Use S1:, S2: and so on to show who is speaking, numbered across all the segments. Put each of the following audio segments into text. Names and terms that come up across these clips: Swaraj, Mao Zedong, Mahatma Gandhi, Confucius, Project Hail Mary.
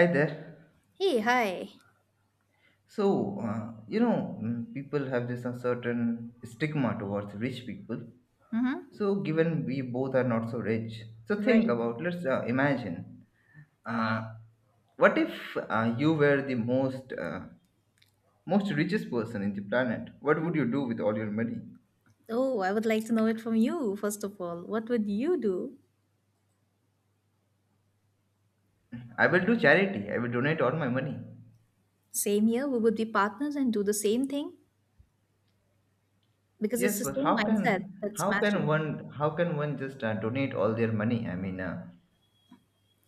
S1: Hi there.
S2: Hey, hi.
S1: People have this uncertain stigma towards rich people.
S2: Mm-hmm.
S1: So, given we both are not so rich, so think
S2: Right.
S1: about, let's imagine, uh, what if you were the most richest person in the planet? What would you do with all your money?
S2: Oh, I would like to know it from you, first of all. What would you do?
S1: I will do charity. I will donate all my money.
S2: Same here, we would be partners and do the same thing because it's
S1: Yes,
S2: the
S1: but
S2: same
S1: how
S2: mindset
S1: can
S2: that's
S1: how can
S2: matching.
S1: one how can one just donate all their money?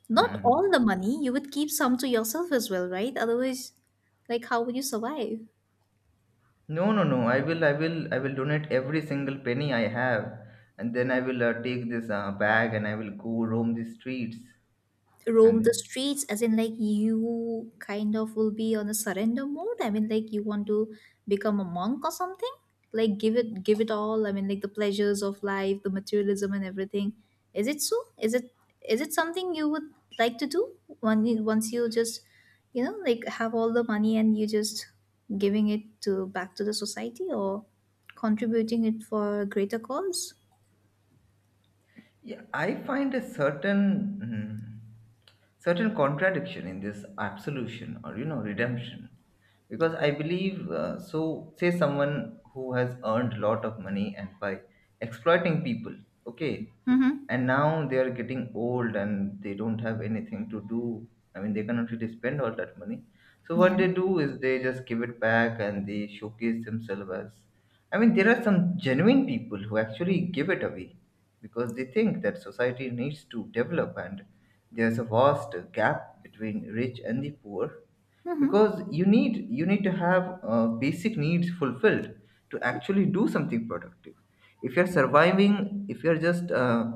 S2: Not all
S1: mm,
S2: the money, you would keep some to yourself as well, right? Otherwise, like, how would you survive?
S1: No, no, no. I will donate every single penny I have, and then I will take this bag and I will go roam the streets.
S2: Roam the
S1: And
S2: streets, as in, like, you kind of will be on a surrender mode. I mean, like, you want to become a monk or something, like, give it all. I mean, like, the pleasures of life, the materialism and everything, is it so, is it, is it something you would like to do when you, once you just, like have all the money and you just giving it to back to the society or contributing it for a greater cause.
S1: yeah, I find a mm, certain contradiction in this absolution or you know redemption, because I believe. Say someone who has earned a lot of money and by exploiting people, okay,
S2: Mm-hmm.
S1: and now they are getting old and they don't have anything to do. I mean, they cannot really spend all that money, so what
S2: Yeah.
S1: they do is they just give it back and they showcase themselves as I mean, there are some genuine people who actually give it away because they think that society needs to develop and there's a vast gap between rich and the poor,
S2: Mm-hmm.
S1: because you need to have basic needs fulfilled to actually do something productive. If you're surviving, if you're just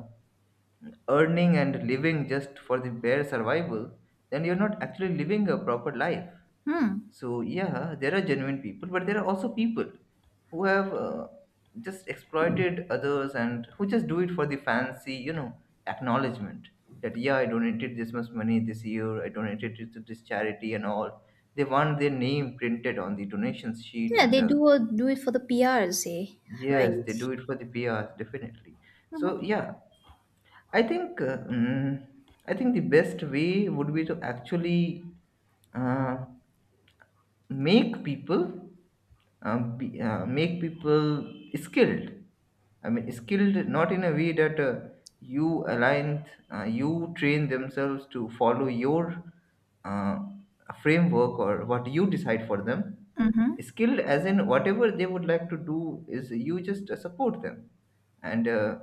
S1: earning and living just for the bare survival, then you're not actually living a proper life.
S2: Hmm.
S1: So, yeah, there are genuine people, but there are also people who have just exploited others and who just do it for the fancy, you know, acknowledgement that, yeah, I donated this much money this year, I donated it to this charity and all. They want their name printed on the donations sheet,
S2: Yeah,
S1: and
S2: they
S1: uh,
S2: do do it for the PR, say,
S1: yes, they
S2: right?
S1: do it for the PRs, definitely.
S2: Mm-hmm.
S1: So, yeah, I think I think the best way would be to actually uh, make people make people skilled. I mean, skilled not in a way that you align, you train themselves to follow your uh, framework or what you decide for them.
S2: Mm-hmm.
S1: Skilled as in whatever they would like to do is you just support them and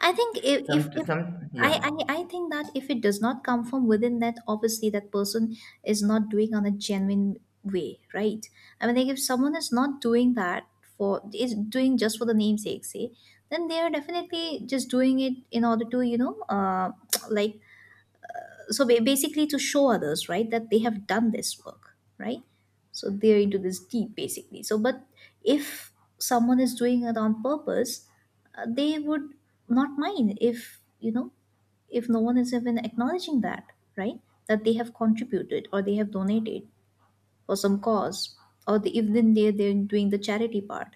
S2: I think if if, if
S1: some yeah.
S2: I, I think that if it does not come from within, that obviously that person is not doing on a genuine way, right? I mean, like if someone is not doing that for is doing just for the namesake, say, then they are definitely just doing it in order to like, so basically to show others, right, that they have done this work, right? So they're into this deep basically. So but if someone is doing it on purpose, they would not mind if, if no one is even acknowledging that, right, that they have contributed or they have donated for some cause, or even they're doing the charity part,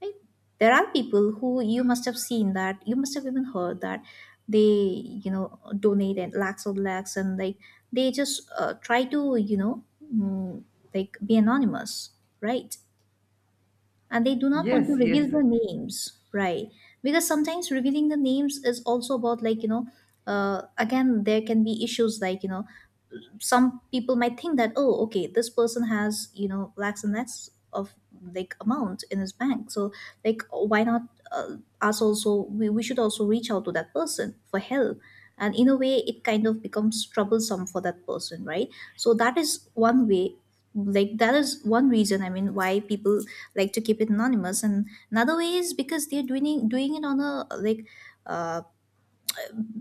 S2: right? There are people who you must have seen, that you must have even heard, that they, donate and lakhs of lakhs, and like they just try to, mm, like, be anonymous, right? And they do not want to
S1: Yes, yes.
S2: reveal their names, right? Because sometimes revealing the names is also about, like, again there can be issues, like, some people might think that, oh, okay, this person has, lakhs and lakhs of like amount in his bank, so like why not, us also we should also reach out to that person for help, and in a way it kind of becomes troublesome for that person, right? So that is one way, like, that is one reason, I mean, why people like to keep it anonymous. And another way is because they're doing it on a like, uh,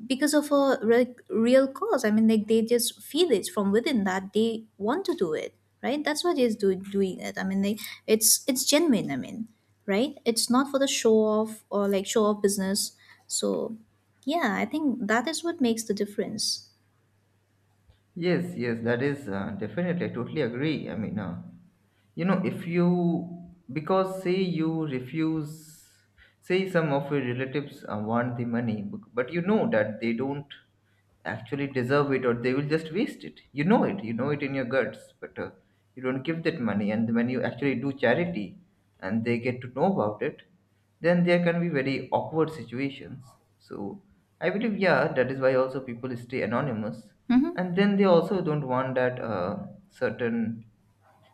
S2: because of a real cause. I mean, like, they just feel it from within that they want to do it, right? That's why they're doing it. I mean, like, it's genuine. I mean, right? It's not for the show off or like show off business. So, yeah, I think that is what makes the difference.
S1: Yes, yes, that is definitely. I totally agree. You know, if you, because say you refuse, say some of your relatives want the money bec- but you know that they don't actually deserve it or they will just waste it, you know it, you know it in your guts, but you don't give that money, and when you actually do charity and they get to know about it, then there can be very awkward situations. So I believe, yeah, that is why also people stay anonymous,
S2: Mm-hmm.
S1: and then they also don't want that certain,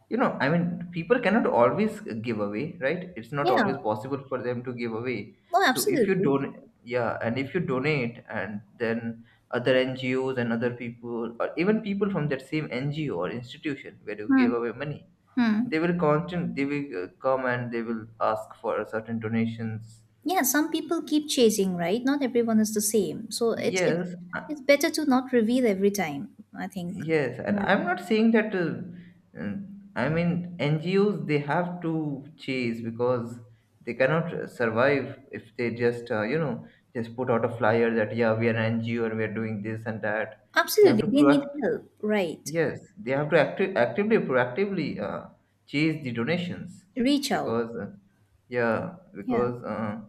S1: you know, I mean, people cannot always give away, right? It's not
S2: Yeah.
S1: always possible for them to give away.
S2: No,
S1: So if you
S2: absolutely.
S1: don't, yeah, and if you donate and then other ngos and other people or even people from that same ngo or institution where you
S2: Hmm.
S1: give away money,
S2: Hmm.
S1: they will come and they will ask for certain donations.
S2: Yeah, some people keep chasing, right? Not everyone is the same. So
S1: Yes.
S2: it's better to not reveal every time, I think.
S1: Yes, and
S2: Yeah.
S1: I'm not saying that. I mean, NGOs, they have to chase because they cannot survive if they just you know, just put out a flyer that, yeah, we are an NGO and we are doing this and that. They have to
S2: Absolutely, they need
S1: proact.
S2: help, right?
S1: Yes, they have to actively proactively chase the donations,
S2: Reach out.
S1: because uh, yeah
S2: Yeah.
S1: because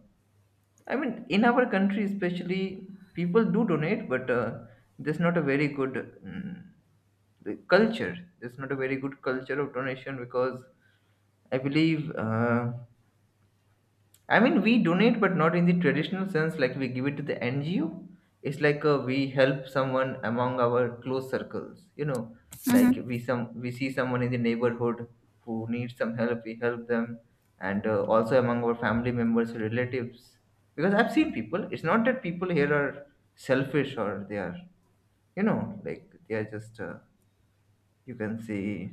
S1: I mean, in our country especially, people do donate, but there's not a very good, the culture. There's not a very good culture of donation because I believe, I mean, we donate, but not in the traditional sense, like we give it to the NGO. It's like we help someone among our close circles, you know, like
S2: Hmm.
S1: we see someone in the neighborhood who needs some help, we help them, and also among our family members, or relatives. Because I've seen people. It's not that people here are selfish or they are, you know, like they are just you can say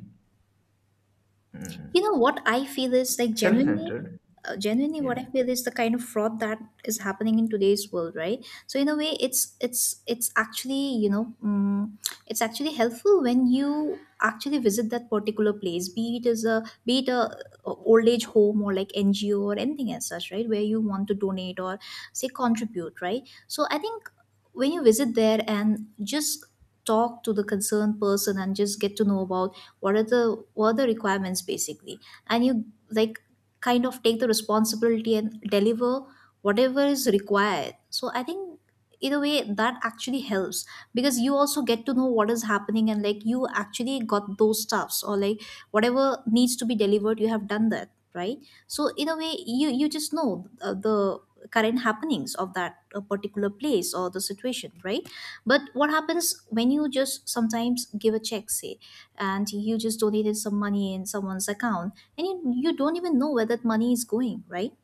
S2: You
S1: mm,
S2: know what I feel is like, genuinely,
S1: self-centered.
S2: genuinely,
S1: Yeah.
S2: what I feel is the kind of fraud that is happening in today's world, right? So in a way, it's actually, it's actually helpful when you actually visit that particular place, be it as a be it a, old age home or like NGO or anything as such, right? Where you want to donate or say contribute, right? So I think when you visit there and just talk to the concerned person and just get to know about what are the what are the requirements basically, and you like kind of take the responsibility and deliver whatever is required. So I think in a way that actually helps, because you also get to know what is happening, and like you actually got those stuffs or like whatever needs to be delivered, you have done that, right? So in a way you you just know the current happenings of that particular place or the situation, right? But what happens when you just sometimes give a check, say, and you just donated some money in someone's account, and you don't even know where that money is going, right?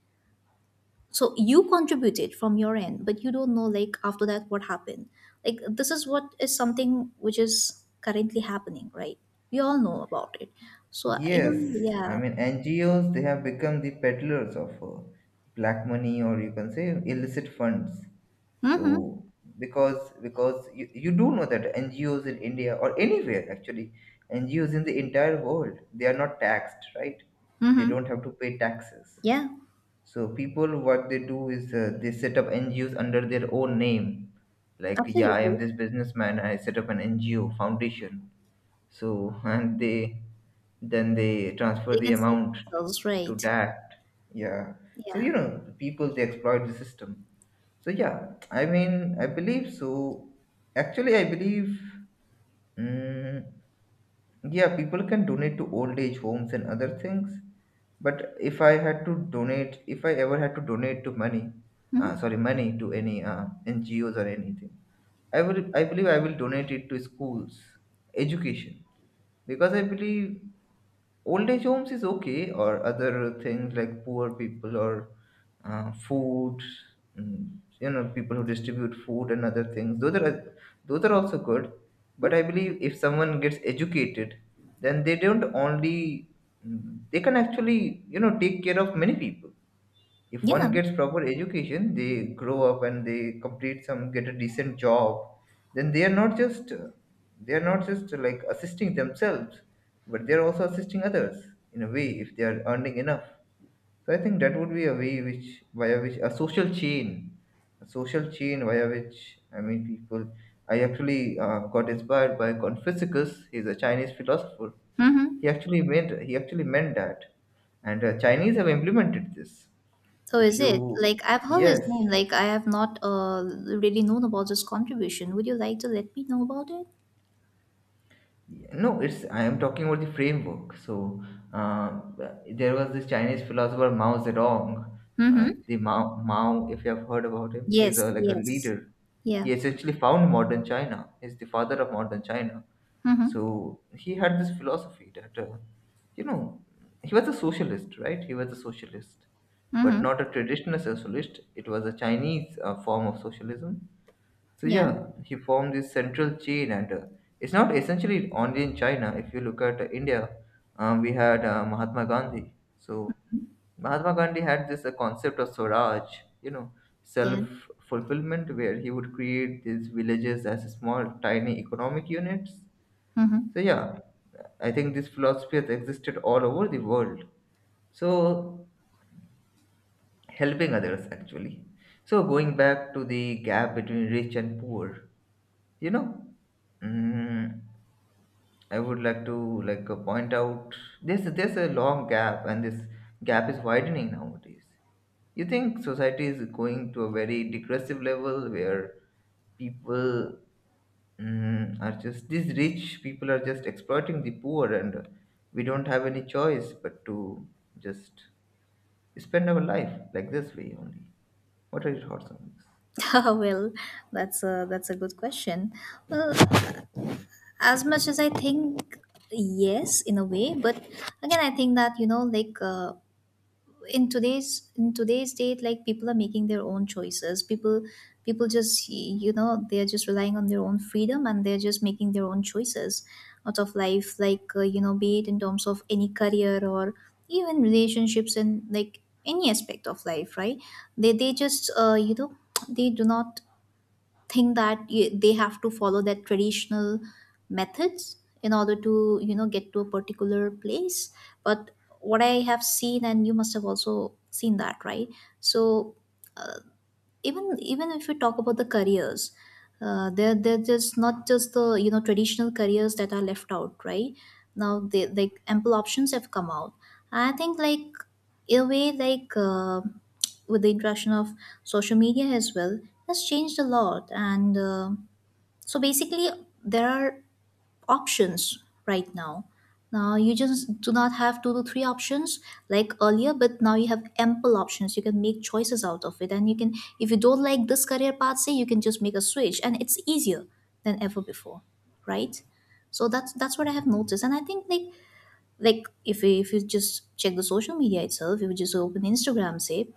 S2: So you contributed from your end, but you don't know like after that what happened. Like this is what is something which is currently happening, right? We all know about it. So you know.
S1: Yes, I
S2: Yeah.
S1: mean, NGOs, they have become the peddlers of black money, or you can say illicit funds.
S2: Mm-hmm.
S1: So because you do know that NGOs in India or anywhere, actually, NGOs in the entire world, they are not taxed, right? They
S2: Mm-hmm.
S1: don't have to pay taxes.
S2: Yeah,
S1: So people, what they do is they set up NGOs under their own name. Like, yeah, I am
S2: absolutely.
S1: this businessman. I set up an NGO foundation. So and they, then they transfer
S2: They
S1: the
S2: can save
S1: amount
S2: themselves,
S1: to
S2: right?
S1: that. Yeah. So,
S2: Yeah.
S1: you know, people, they exploit the system. So yeah, I mean, I believe so. Actually, I believe, mm, yeah, people can donate to old age homes and other things. But if I had to donate, if I ever had to donate to money,
S2: Mm-hmm.
S1: sorry, money to any NGOs or anything, I will, I believe I will donate it to schools, education, because I believe old age homes is okay, or other things like poor people, or uh, food mm, you know, people who distribute food and other things, those are, those are also good. But
S2: Mm-hmm.
S1: I believe if someone gets educated, then they don't only, mm, they can actually, you know, take care of many people. If one
S2: Yeah.
S1: gets proper education, they grow up and they complete some, get a decent job, then they are not just, they are not just like assisting themselves, but they are also assisting others, in a way, if they are earning enough. So I think that would be a way which via which a social chain, a social chain via which, I mean, people, I actually got inspired by Confucius. He's a Chinese philosopher. he
S2: Mm-hmm.
S1: actually meant he actually meant that, and Chinese have implemented this.
S2: So
S1: If
S2: is
S1: you,
S2: it? Like, I've heard his
S1: yes.
S2: name, like, I have not really known about this contribution. Would you like to let me know about it?
S1: No, it's, I am talking about the framework. So uh, there was this Chinese philosopher Mao Zedong. uh,
S2: Mm-hmm.
S1: the mao mao if you have heard about him, he's a,
S2: Yes,
S1: like a
S2: yes.
S1: leader.
S2: Yeah.
S1: He essentially found modern China. He's the father of modern China.
S2: Mm-hmm.
S1: So he had this philosophy that, you know, he was a socialist, right? He was a socialist, but
S2: Mm-hmm.
S1: not a traditional socialist. It was a Chinese form of socialism. So
S2: Yeah.
S1: yeah, he formed this central chain, and it's not essentially only in China. If you look at India, we had Mahatma Gandhi. So Mahatma Gandhi had this concept of Swaraj, you know,
S2: Yeah.
S1: self fulfillment, where he would create these villages as small, tiny economic units.
S2: Mm-hmm.
S1: So yeah, I think this philosophy has existed all over the world. So, helping others, actually. So going back to the gap between rich and poor, you know, mm, I would like to, like, point out, there's a long gap and this gap is widening nowadays. You think society is going to a very degressive level where people, mm, are just, these rich people are just exploiting the poor, and we don't have any choice but to just spend our life like this way only. What are your thoughts on this?
S2: Well, that's a good question. Well, as much as I think, yes, in a way, but again, I think that, like, in today's date, like, people are making their own choices. People people just, they're just relying on their own freedom and they're just making their own choices out of life, like, be it in terms of any career or even relationships and like any aspect of life, right? They just they do not think that they have to follow that traditional methods in order to, get to a particular place. But what I have seen, and you must have also seen that, right? So uh, even even if we talk about the careers, they're just not just the, traditional careers that are left out, right? Now they like ample options have come out. I think, like, in a way, like, with the introduction of social media as well, has changed a lot, and so basically there are options right now. Now you just do not have two to three options like earlier, but now you have ample options. You can make choices out of it, and you can, if you don't like this career path, say, you can just make a switch, and it's easier than ever before, right? So that's what I have noticed, and I think like if you just check the social media itself, if you just open Instagram, say,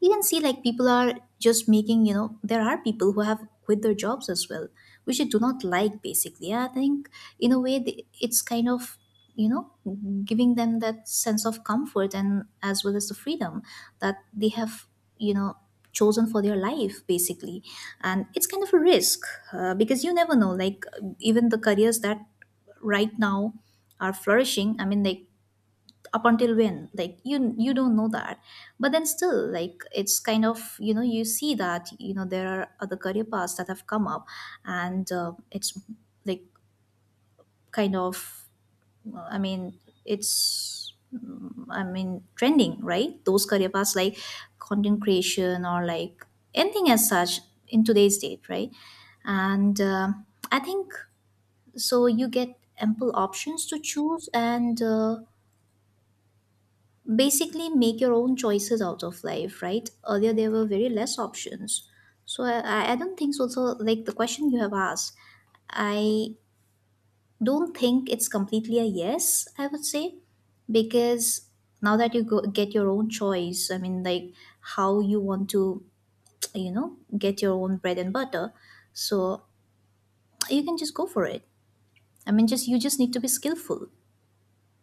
S2: you can see like people are just making, there are people who have quit their jobs as well, which I do not like basically. I think in a way it's kind of, you know giving them that sense of comfort and as well as the freedom that they have, you know chosen for their life, basically. And it's kind of a risk, because you never know, like, even the careers that right now are flourishing, I mean, like, up until when, like, you don't know that. But then still, like, it's kind of, you see that, there are other career paths that have come up, and it's like kind of I mean, I mean, trending, right, those career paths like content creation or like anything as such in today's date, right? And um, I think so you get ample options to choose, and basically make your own choices out of life, right? Earlier there were very less options. So I don't think so, so like the question you have asked, I don't think it's completely a yes, I would say. Because now that you get your own choice, I mean, like, how you want to, get your own bread and butter. So you can just go for it. I mean, just you just need to be skillful,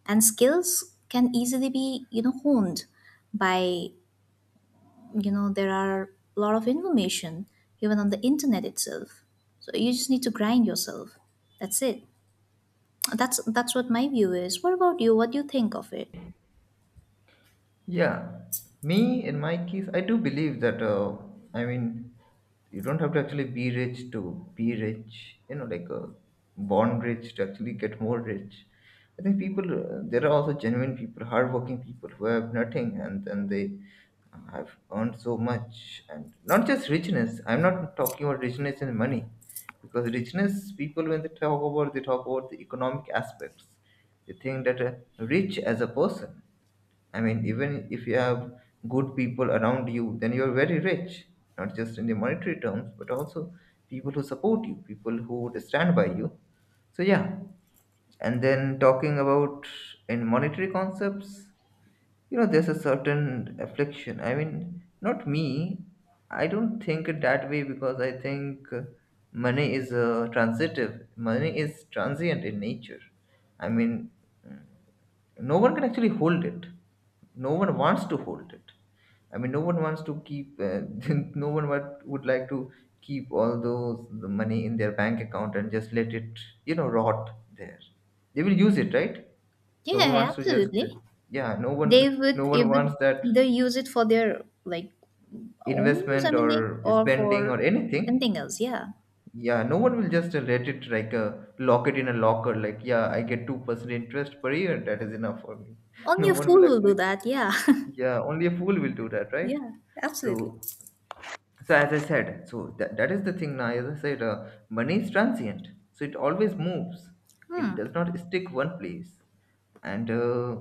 S2: and skills can easily be, honed by, there are a lot of information even on the internet itself. So you just need to grind yourself, that's it. That's what my view is. What about you? What do you think of it?
S1: Yeah, me in my case, I do believe that. I mean, you don't have to actually be rich to be rich. You know, like born rich to actually get more rich. I think people, there are also genuine people, hardworking people who have nothing and then they have earned so much, and not just richness. I'm not talking about richness in money, because richness, people when they talk about, they talk about the economic aspects. They think that, rich as a person, I mean, even if you have good people around you, then you're very rich, not just in the monetary terms, but also people who support you, people who would stand by you. So, yeah. And then talking about in monetary concepts, you know, there's a certain affliction. I mean, not me. I don't think it that way because I think money is transitive. Money is transient in nature. I mean, no one can actually hold it. No one wants to hold it. I mean, no one wants to keep no one would like to keep all those money in their bank account and just let it rot there. They will use it, right? No one
S2: Yeah,
S1: wants to just,
S2: absolutely.
S1: yeah. no one
S2: They
S1: no
S2: would
S1: one wants
S2: even
S1: that.
S2: either use it for their like own use, I
S1: Investment
S2: mean, like,
S1: or
S2: or
S1: spending
S2: for
S1: or anything.
S2: anything else. Yeah.
S1: Yeah, no one will just let it, like, lock it in a locker. Like, yeah, I get 2% interest per year, that is enough for me.
S2: Only
S1: No
S2: a
S1: one
S2: fool
S1: will
S2: will do
S1: actually.
S2: that, yeah.
S1: Yeah, only a fool will do that, right?
S2: Yeah, absolutely.
S1: So so as I said, so that is the thing. Now as I said, money is transient, so it always moves. It
S2: Hmm.
S1: does not stick one place. And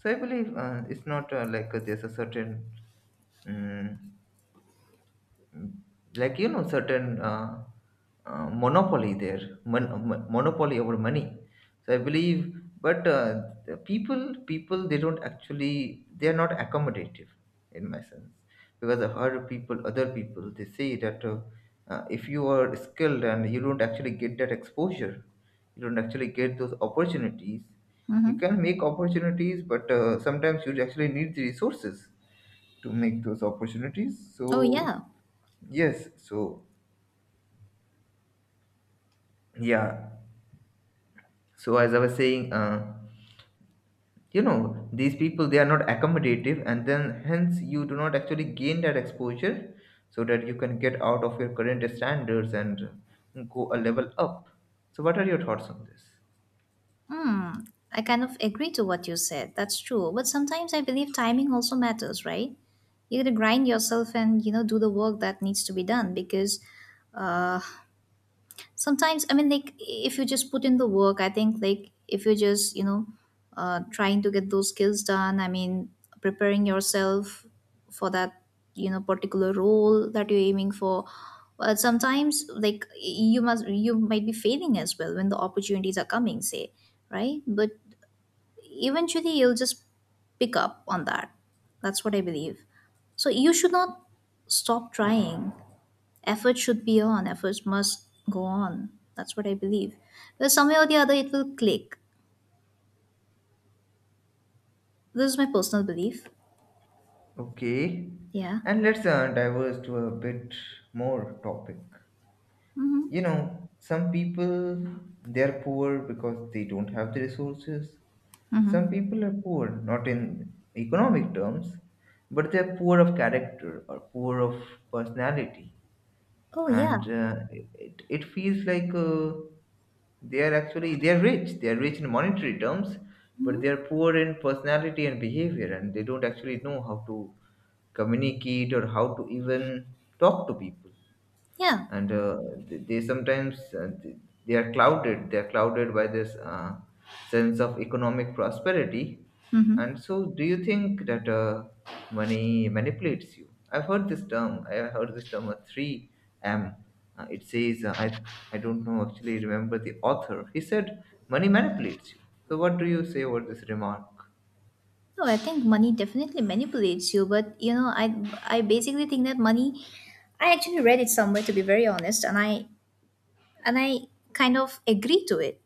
S1: so I believe it's not like, there's a certain mm like, you know, certain monopoly there, monopoly over money. So I believe. But the people, they don't actually, they are not accommodative, in my sense. Because I heard people, other people, they say that if you are skilled and you don't actually get that exposure, you don't actually get those opportunities. You
S2: Mm-hmm.
S1: can make opportunities, but sometimes you actually need the resources to make those opportunities. So
S2: Oh yeah.
S1: yes, so yeah, so as I was saying, these people, they are not accommodative, and then hence you do not actually gain that exposure so that you can get out of your current standards and go a level up. So, what are your thoughts on this?
S2: Hmm, I kind of agree to what you said. That's true. But sometimes I believe timing also matters, right? You gotta grind yourself and you know do the work that needs to be done because, uh, sometimes I mean like if you just put in the work. I think like if you just trying to get those skills done, I mean preparing yourself for that, you know, particular role that you're aiming for. But sometimes like you might be failing as well when the opportunities are coming, say, right, but eventually you'll just pick up on that. That's what I believe. So you should not stop trying. Efforts must go on. That's what I believe. But somehow or the other, it will click. This is my personal belief.
S1: Okay,
S2: Yeah.
S1: and let's diverge to a bit more topic. You
S2: Mm-hmm.
S1: know, some people, they are poor because they don't have the resources.
S2: Mm-hmm.
S1: Some people are poor, not in economic terms, but they're poor of character or poor of personality.
S2: Oh, yeah.
S1: And it feels like, they are actually, they are rich. They are rich in monetary terms, but they are poor in personality and behavior, and they don't actually know how to communicate or how to even talk to people.
S2: Yeah.
S1: And they sometimes, they are clouded by this sense of economic prosperity.
S2: Mm-hmm.
S1: And so do you think that money manipulates you? I've heard this term, I have heard this term, a 3m. It says, I don't know actually remember the author. He said money manipulates you. So what do you say about this remark?
S2: No, I think money definitely manipulates you, but I basically think that money I actually read it somewhere, to be very honest, and I kind of agree to it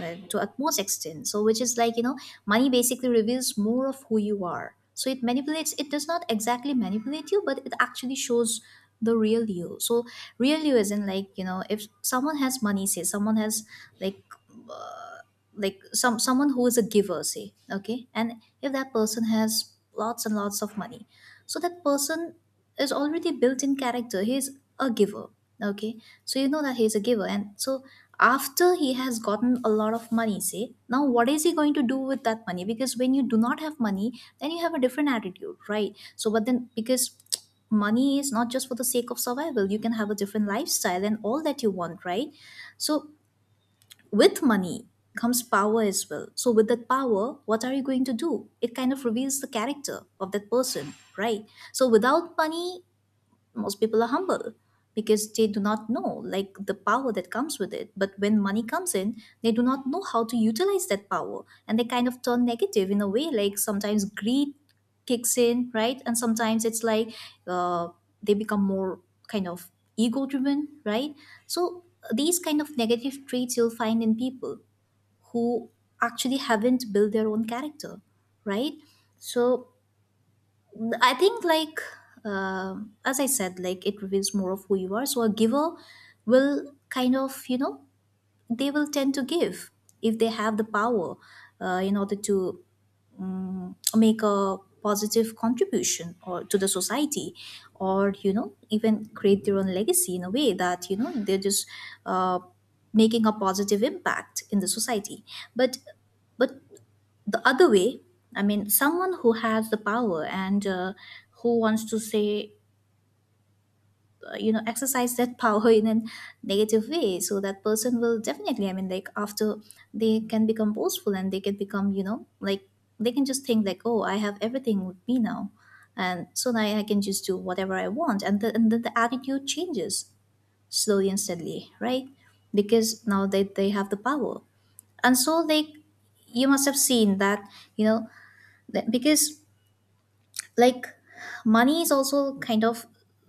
S2: to utmost extent. So, which is like, you know, money basically reveals more of who you are. So it manipulates. It does not exactly manipulate you, but it actually shows the real you. So real you isn't like, you know, if someone has money, say someone has like. Uh, like someone who is a giver, say, okay, and if that person has lots and lots of money, so that person is already built in character. He's a giver. Okay. So you know that he's a giver. And so after he has gotten a lot of money, say, now what is he going to do with that money? Because when you do not have money, then you have a different attitude, right? So, but then because money is not just for the sake of survival, you can have a different lifestyle and all that you want, right? So, with money, comes power as well. So with that power, what are you going to do? It kind of reveals the character of that person, right? So without money, most people are humble because they do not know like the power that comes with it. But when money comes in, they do not know how to utilize that power, and they kind of turn negative in a way, like sometimes greed kicks in, right? And sometimes it's like uh, they become more kind of ego driven, right? So these kind of negative traits you'll find in people who actually haven't built their own character, right? So I think like as I said, like it reveals more of who you are. So a giver will kind of you know they will tend to give if they have the power in order to make a positive contribution or to the society, or you know even create their own legacy in a way that you know they're just uh, making a positive impact in the society. But but the other way, I mean someone who has the power, and who wants to say you know exercise that power in a negative way, so that person will definitely, I mean like after, they can become boastful and they can become you know like they can just think like, oh, I have everything with me now and so now I can just do whatever I want, and then the attitude changes slowly and steadily, right? Because now they have the power. And so like you must have seen that, you know, that because like money is also kind of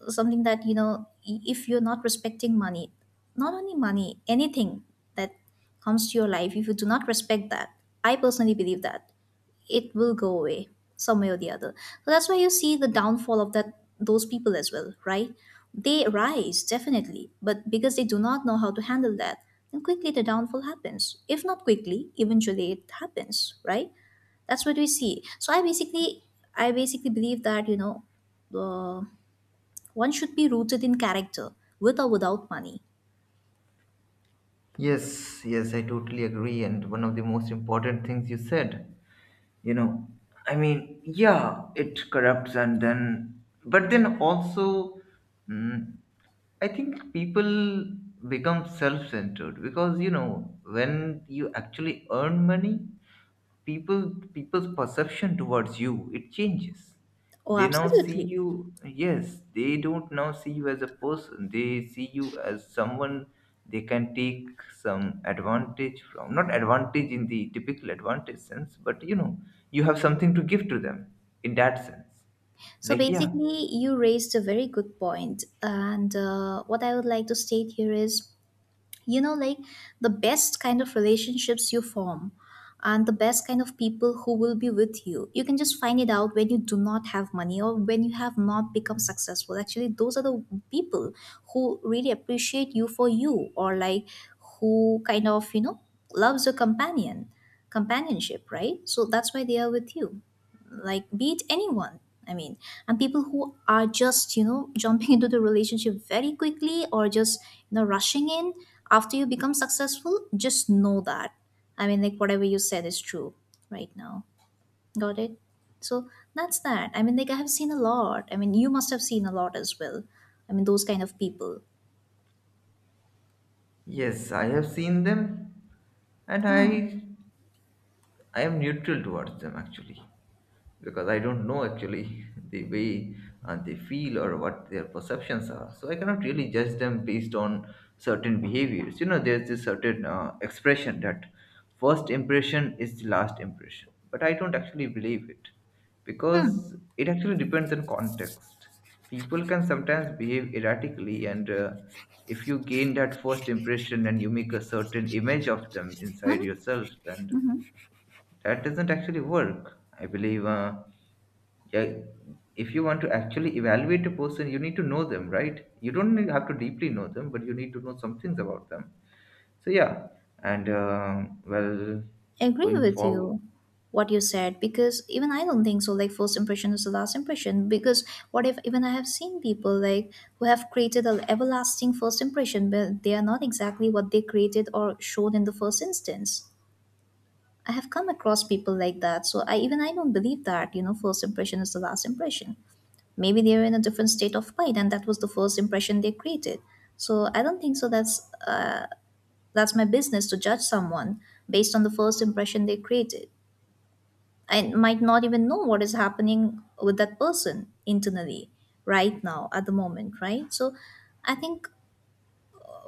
S2: something that you know if you're not respecting money, not only money, anything that comes to your life, if you do not respect that, I personally believe that it will go away some way or the other. So that's why you see the downfall of that those people as well, right? They rise definitely, but because they do not know how to handle that, then quickly the downfall happens. If not quickly, eventually it happens, right? That's what we see. I basically believe that you know, uh, one should be rooted in character, with or without money.
S1: Yes, yes, I totally agree. And one of the most important things you said, you know, I mean, yeah, it corrupts, and then but then also, mm, I think people become self-centered because, you know, when you actually earn money, people people's perception towards you, it changes.
S2: Oh,
S1: They now see
S2: absolutely.
S1: you. Yes, they don't now see you as a person, they see you as someone they can take some advantage from. Not advantage in the typical advantage sense, but, you know, you have something to give to them in that sense.
S2: So
S1: Like, yeah.
S2: basically, you raised a very good point, and what I would like to state here is you know like the best kind of relationships you form, and the best kind of people who will be with you, you can just find it out when you do not have money or when you have not become successful. Actually those are the people who really appreciate you for you, or like who kind of you know loves your companionship, right? So that's why they are with you, like beat anyone, I mean. And people who are just you know jumping into the relationship very quickly, or just you know rushing in after you become successful, just know that, I mean, like whatever you said is true right now. Got it. So that's that. I mean like I have seen a lot, I mean you must have seen a lot as well, I mean those kind of people.
S1: Yes, I have seen them. And
S2: Hmm.
S1: I am neutral towards them, actually. Because I don't know actually the way they feel or what their perceptions are. So I cannot really judge them based on certain behaviors. You know, there's this certain expression that first impression is the last impression, but I don't actually believe it
S2: Hmm.
S1: because it actually depends on context. People can sometimes behave erratically, and if you gain that first impression and you make a certain image of them inside
S2: Hmm.
S1: yourself, then that doesn't actually work, I believe. Yeah, if you want to actually evaluate a person, you need to know them, right? You don't need- have to deeply know them, but you need to know some things about them. So yeah, and well,
S2: Agree
S1: going
S2: with
S1: forward,
S2: you what you said, because even I don't think so like first impression is the last impression. Because what if, even I have seen people like who have created an everlasting first impression, but they are not exactly what they created or showed in the first instance. I have come across people like that. So I, even I don't believe that you know first impression is the last impression. Maybe they were in a different state of mind, and that was the first impression they created. So I don't think so. That's my business to judge someone based on the first impression they created, and might not even know what is happening with that person internally right now at the moment, right? So I think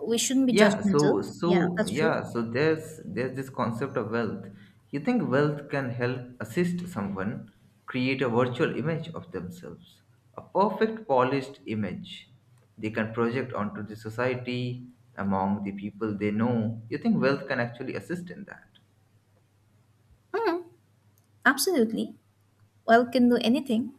S2: we shouldn't be
S1: yeah,
S2: judgmental.
S1: so
S2: Yeah,
S1: so
S2: that's true.
S1: yeah, so there's this concept of wealth. You think wealth can help assist someone create a virtual image of themselves, a perfect polished image they can project onto the society, among the people they know. You think wealth can actually assist in that?
S2: Mm, absolutely. Well, can do anything.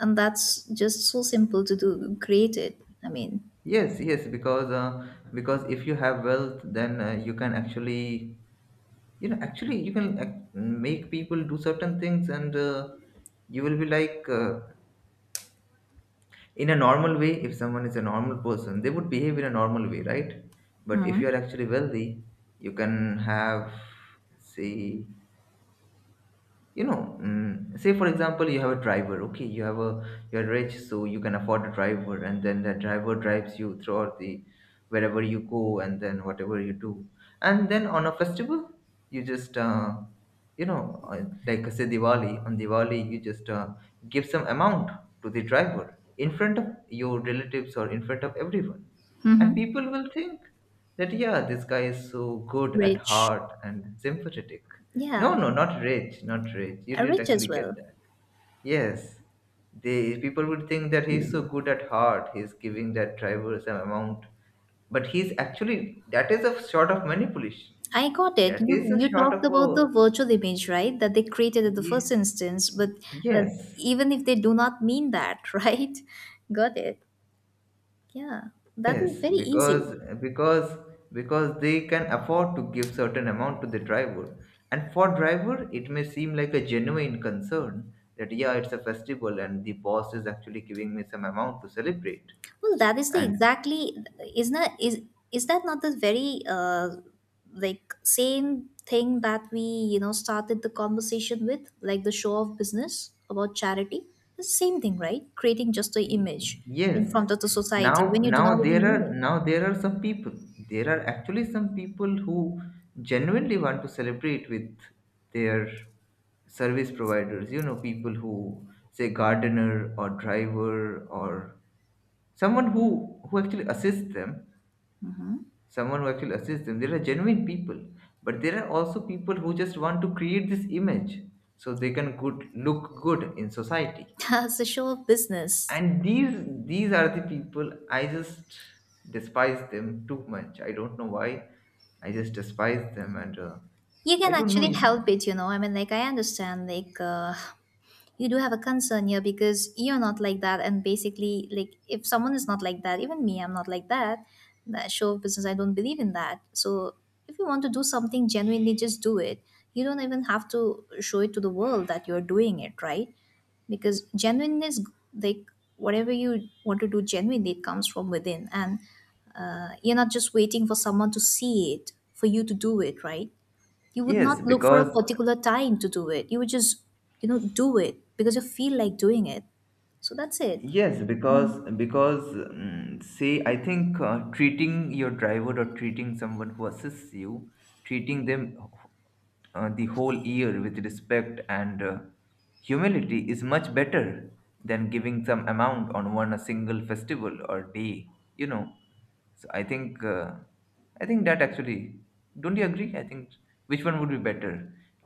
S2: And that's just so simple to do. Create it. I mean,
S1: Yes, yes, because if you have wealth, then you can actually, you know, actually you make people do certain things, and you will be like. In a normal way, if someone is a normal person, they would behave in a normal way, right? But if you
S2: mm-hmm.
S1: are actually wealthy, you can have, say, you know, say for example you have a driver. Okay, you have a you're rich, so you can afford a driver, and then the driver drives you throughout the, wherever you go, and then whatever you do, and then on a festival you just like, say Diwali. On Diwali you just give some amount to the driver in front of your relatives or in front of everyone, and
S2: Mm-hmm.
S1: people will think that, yeah, this guy is so good at
S2: Rich.
S1: heart and sympathetic. No,
S2: Yeah,
S1: no, not rich, not rich. You didn't
S2: rich as
S1: actually get
S2: well.
S1: that. Yes, they people would think that he's so good at heart. He's giving that driver some amount, but he's actually, that is a sort of manipulation.
S2: I got it.
S1: That
S2: You
S1: is a
S2: you
S1: sort
S2: talked
S1: of
S2: about the
S1: a
S2: virtual image, right? That they created at the
S1: ye-
S2: first instance, but that,
S1: yes,
S2: even if they do not mean that, right? Got it. Yeah, that
S1: yes,
S2: is very easy.
S1: because because they can afford to give certain amount to the driver, and for driver it may seem like a genuine concern that, yeah, it's a festival and the boss is actually giving me some amount to celebrate.
S2: Well, that is the
S1: And
S2: exactly is not is Is that not the very like same thing that we you know started the conversation with, like the show of business about charity? It's the same thing, right? Creating just the
S1: he-
S2: image in
S1: yes,
S2: front of the
S1: now
S2: society when you do
S1: now
S2: not
S1: there
S2: even
S1: are
S2: mean it.
S1: now there are some people, there are actually some people who genuinely want to celebrate with their service providers, you know, people who say gardener or driver or someone who actually assists them, there are genuine people. But there are also people who just want to create this image so they can good look good in society.
S2: As a show of business,
S1: And these are the people, I just despise them too much, I don't know why. I just despise them, and
S2: you
S1: I
S2: can
S1: don't know
S2: actually
S1: if.
S2: help it, you know, I mean like I understand like you do have a concern here because you're not like that, and basically like if someone is not like that, even me, I'm not like that. That show of business, I don't believe in that. So if you want to do something genuinely, just do it. You don't even have to show it to the world that you're doing it, right? Because genuineness, like whatever you want to do genuinely, it comes from within, and you're not just waiting for someone to see it for you to do it, right? You would not
S1: Yes,
S2: look for a
S1: because
S2: particular time to do it. You would just you know do it because you feel like doing it. So that's it.
S1: yes because
S2: Mm.
S1: because say I think, treating your driver or treating someone who assists you, treating them, the whole year with respect and humility, is much better than giving some amount on one a single festival or day, you know. So I think, I think that actually, don't you agree? I think which one would be better?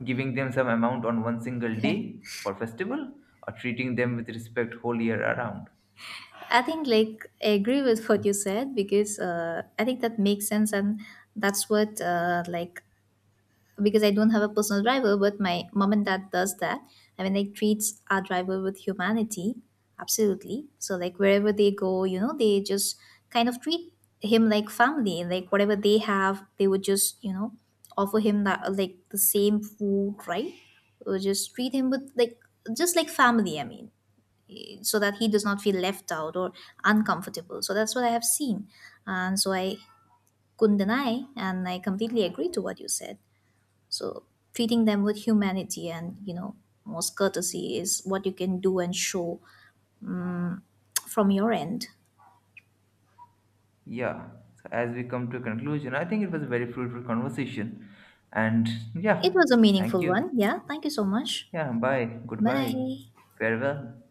S1: Giving them some amount on one single day for festival or treating them with respect whole year around?
S2: I think like I agree with what you said, because I think that makes sense. And that's what like Because I don't have a personal driver, but my mom and dad does that. I mean, like treats our driver with humanity, absolutely. So like wherever they go, you know, they just kind of treat him like family. Like whatever they have, they would just you know offer him that, like the same food, right? Or just treat him with like just like family. I mean, eh, so that he does not feel left out or uncomfortable. So that's what I have seen, and so I couldn't deny, and I completely agree to what you said. So treating them with humanity and you know most courtesy is what you can do and show from your end.
S1: Yeah. So as we come to a conclusion, I think it was a very fruitful conversation. And
S2: It
S1: yeah,
S2: was a
S1: thank
S2: meaningful
S1: you.
S2: one. Yeah, thank you so much.
S1: Yeah, bye. Goodbye.
S2: Bye.
S1: Farewell.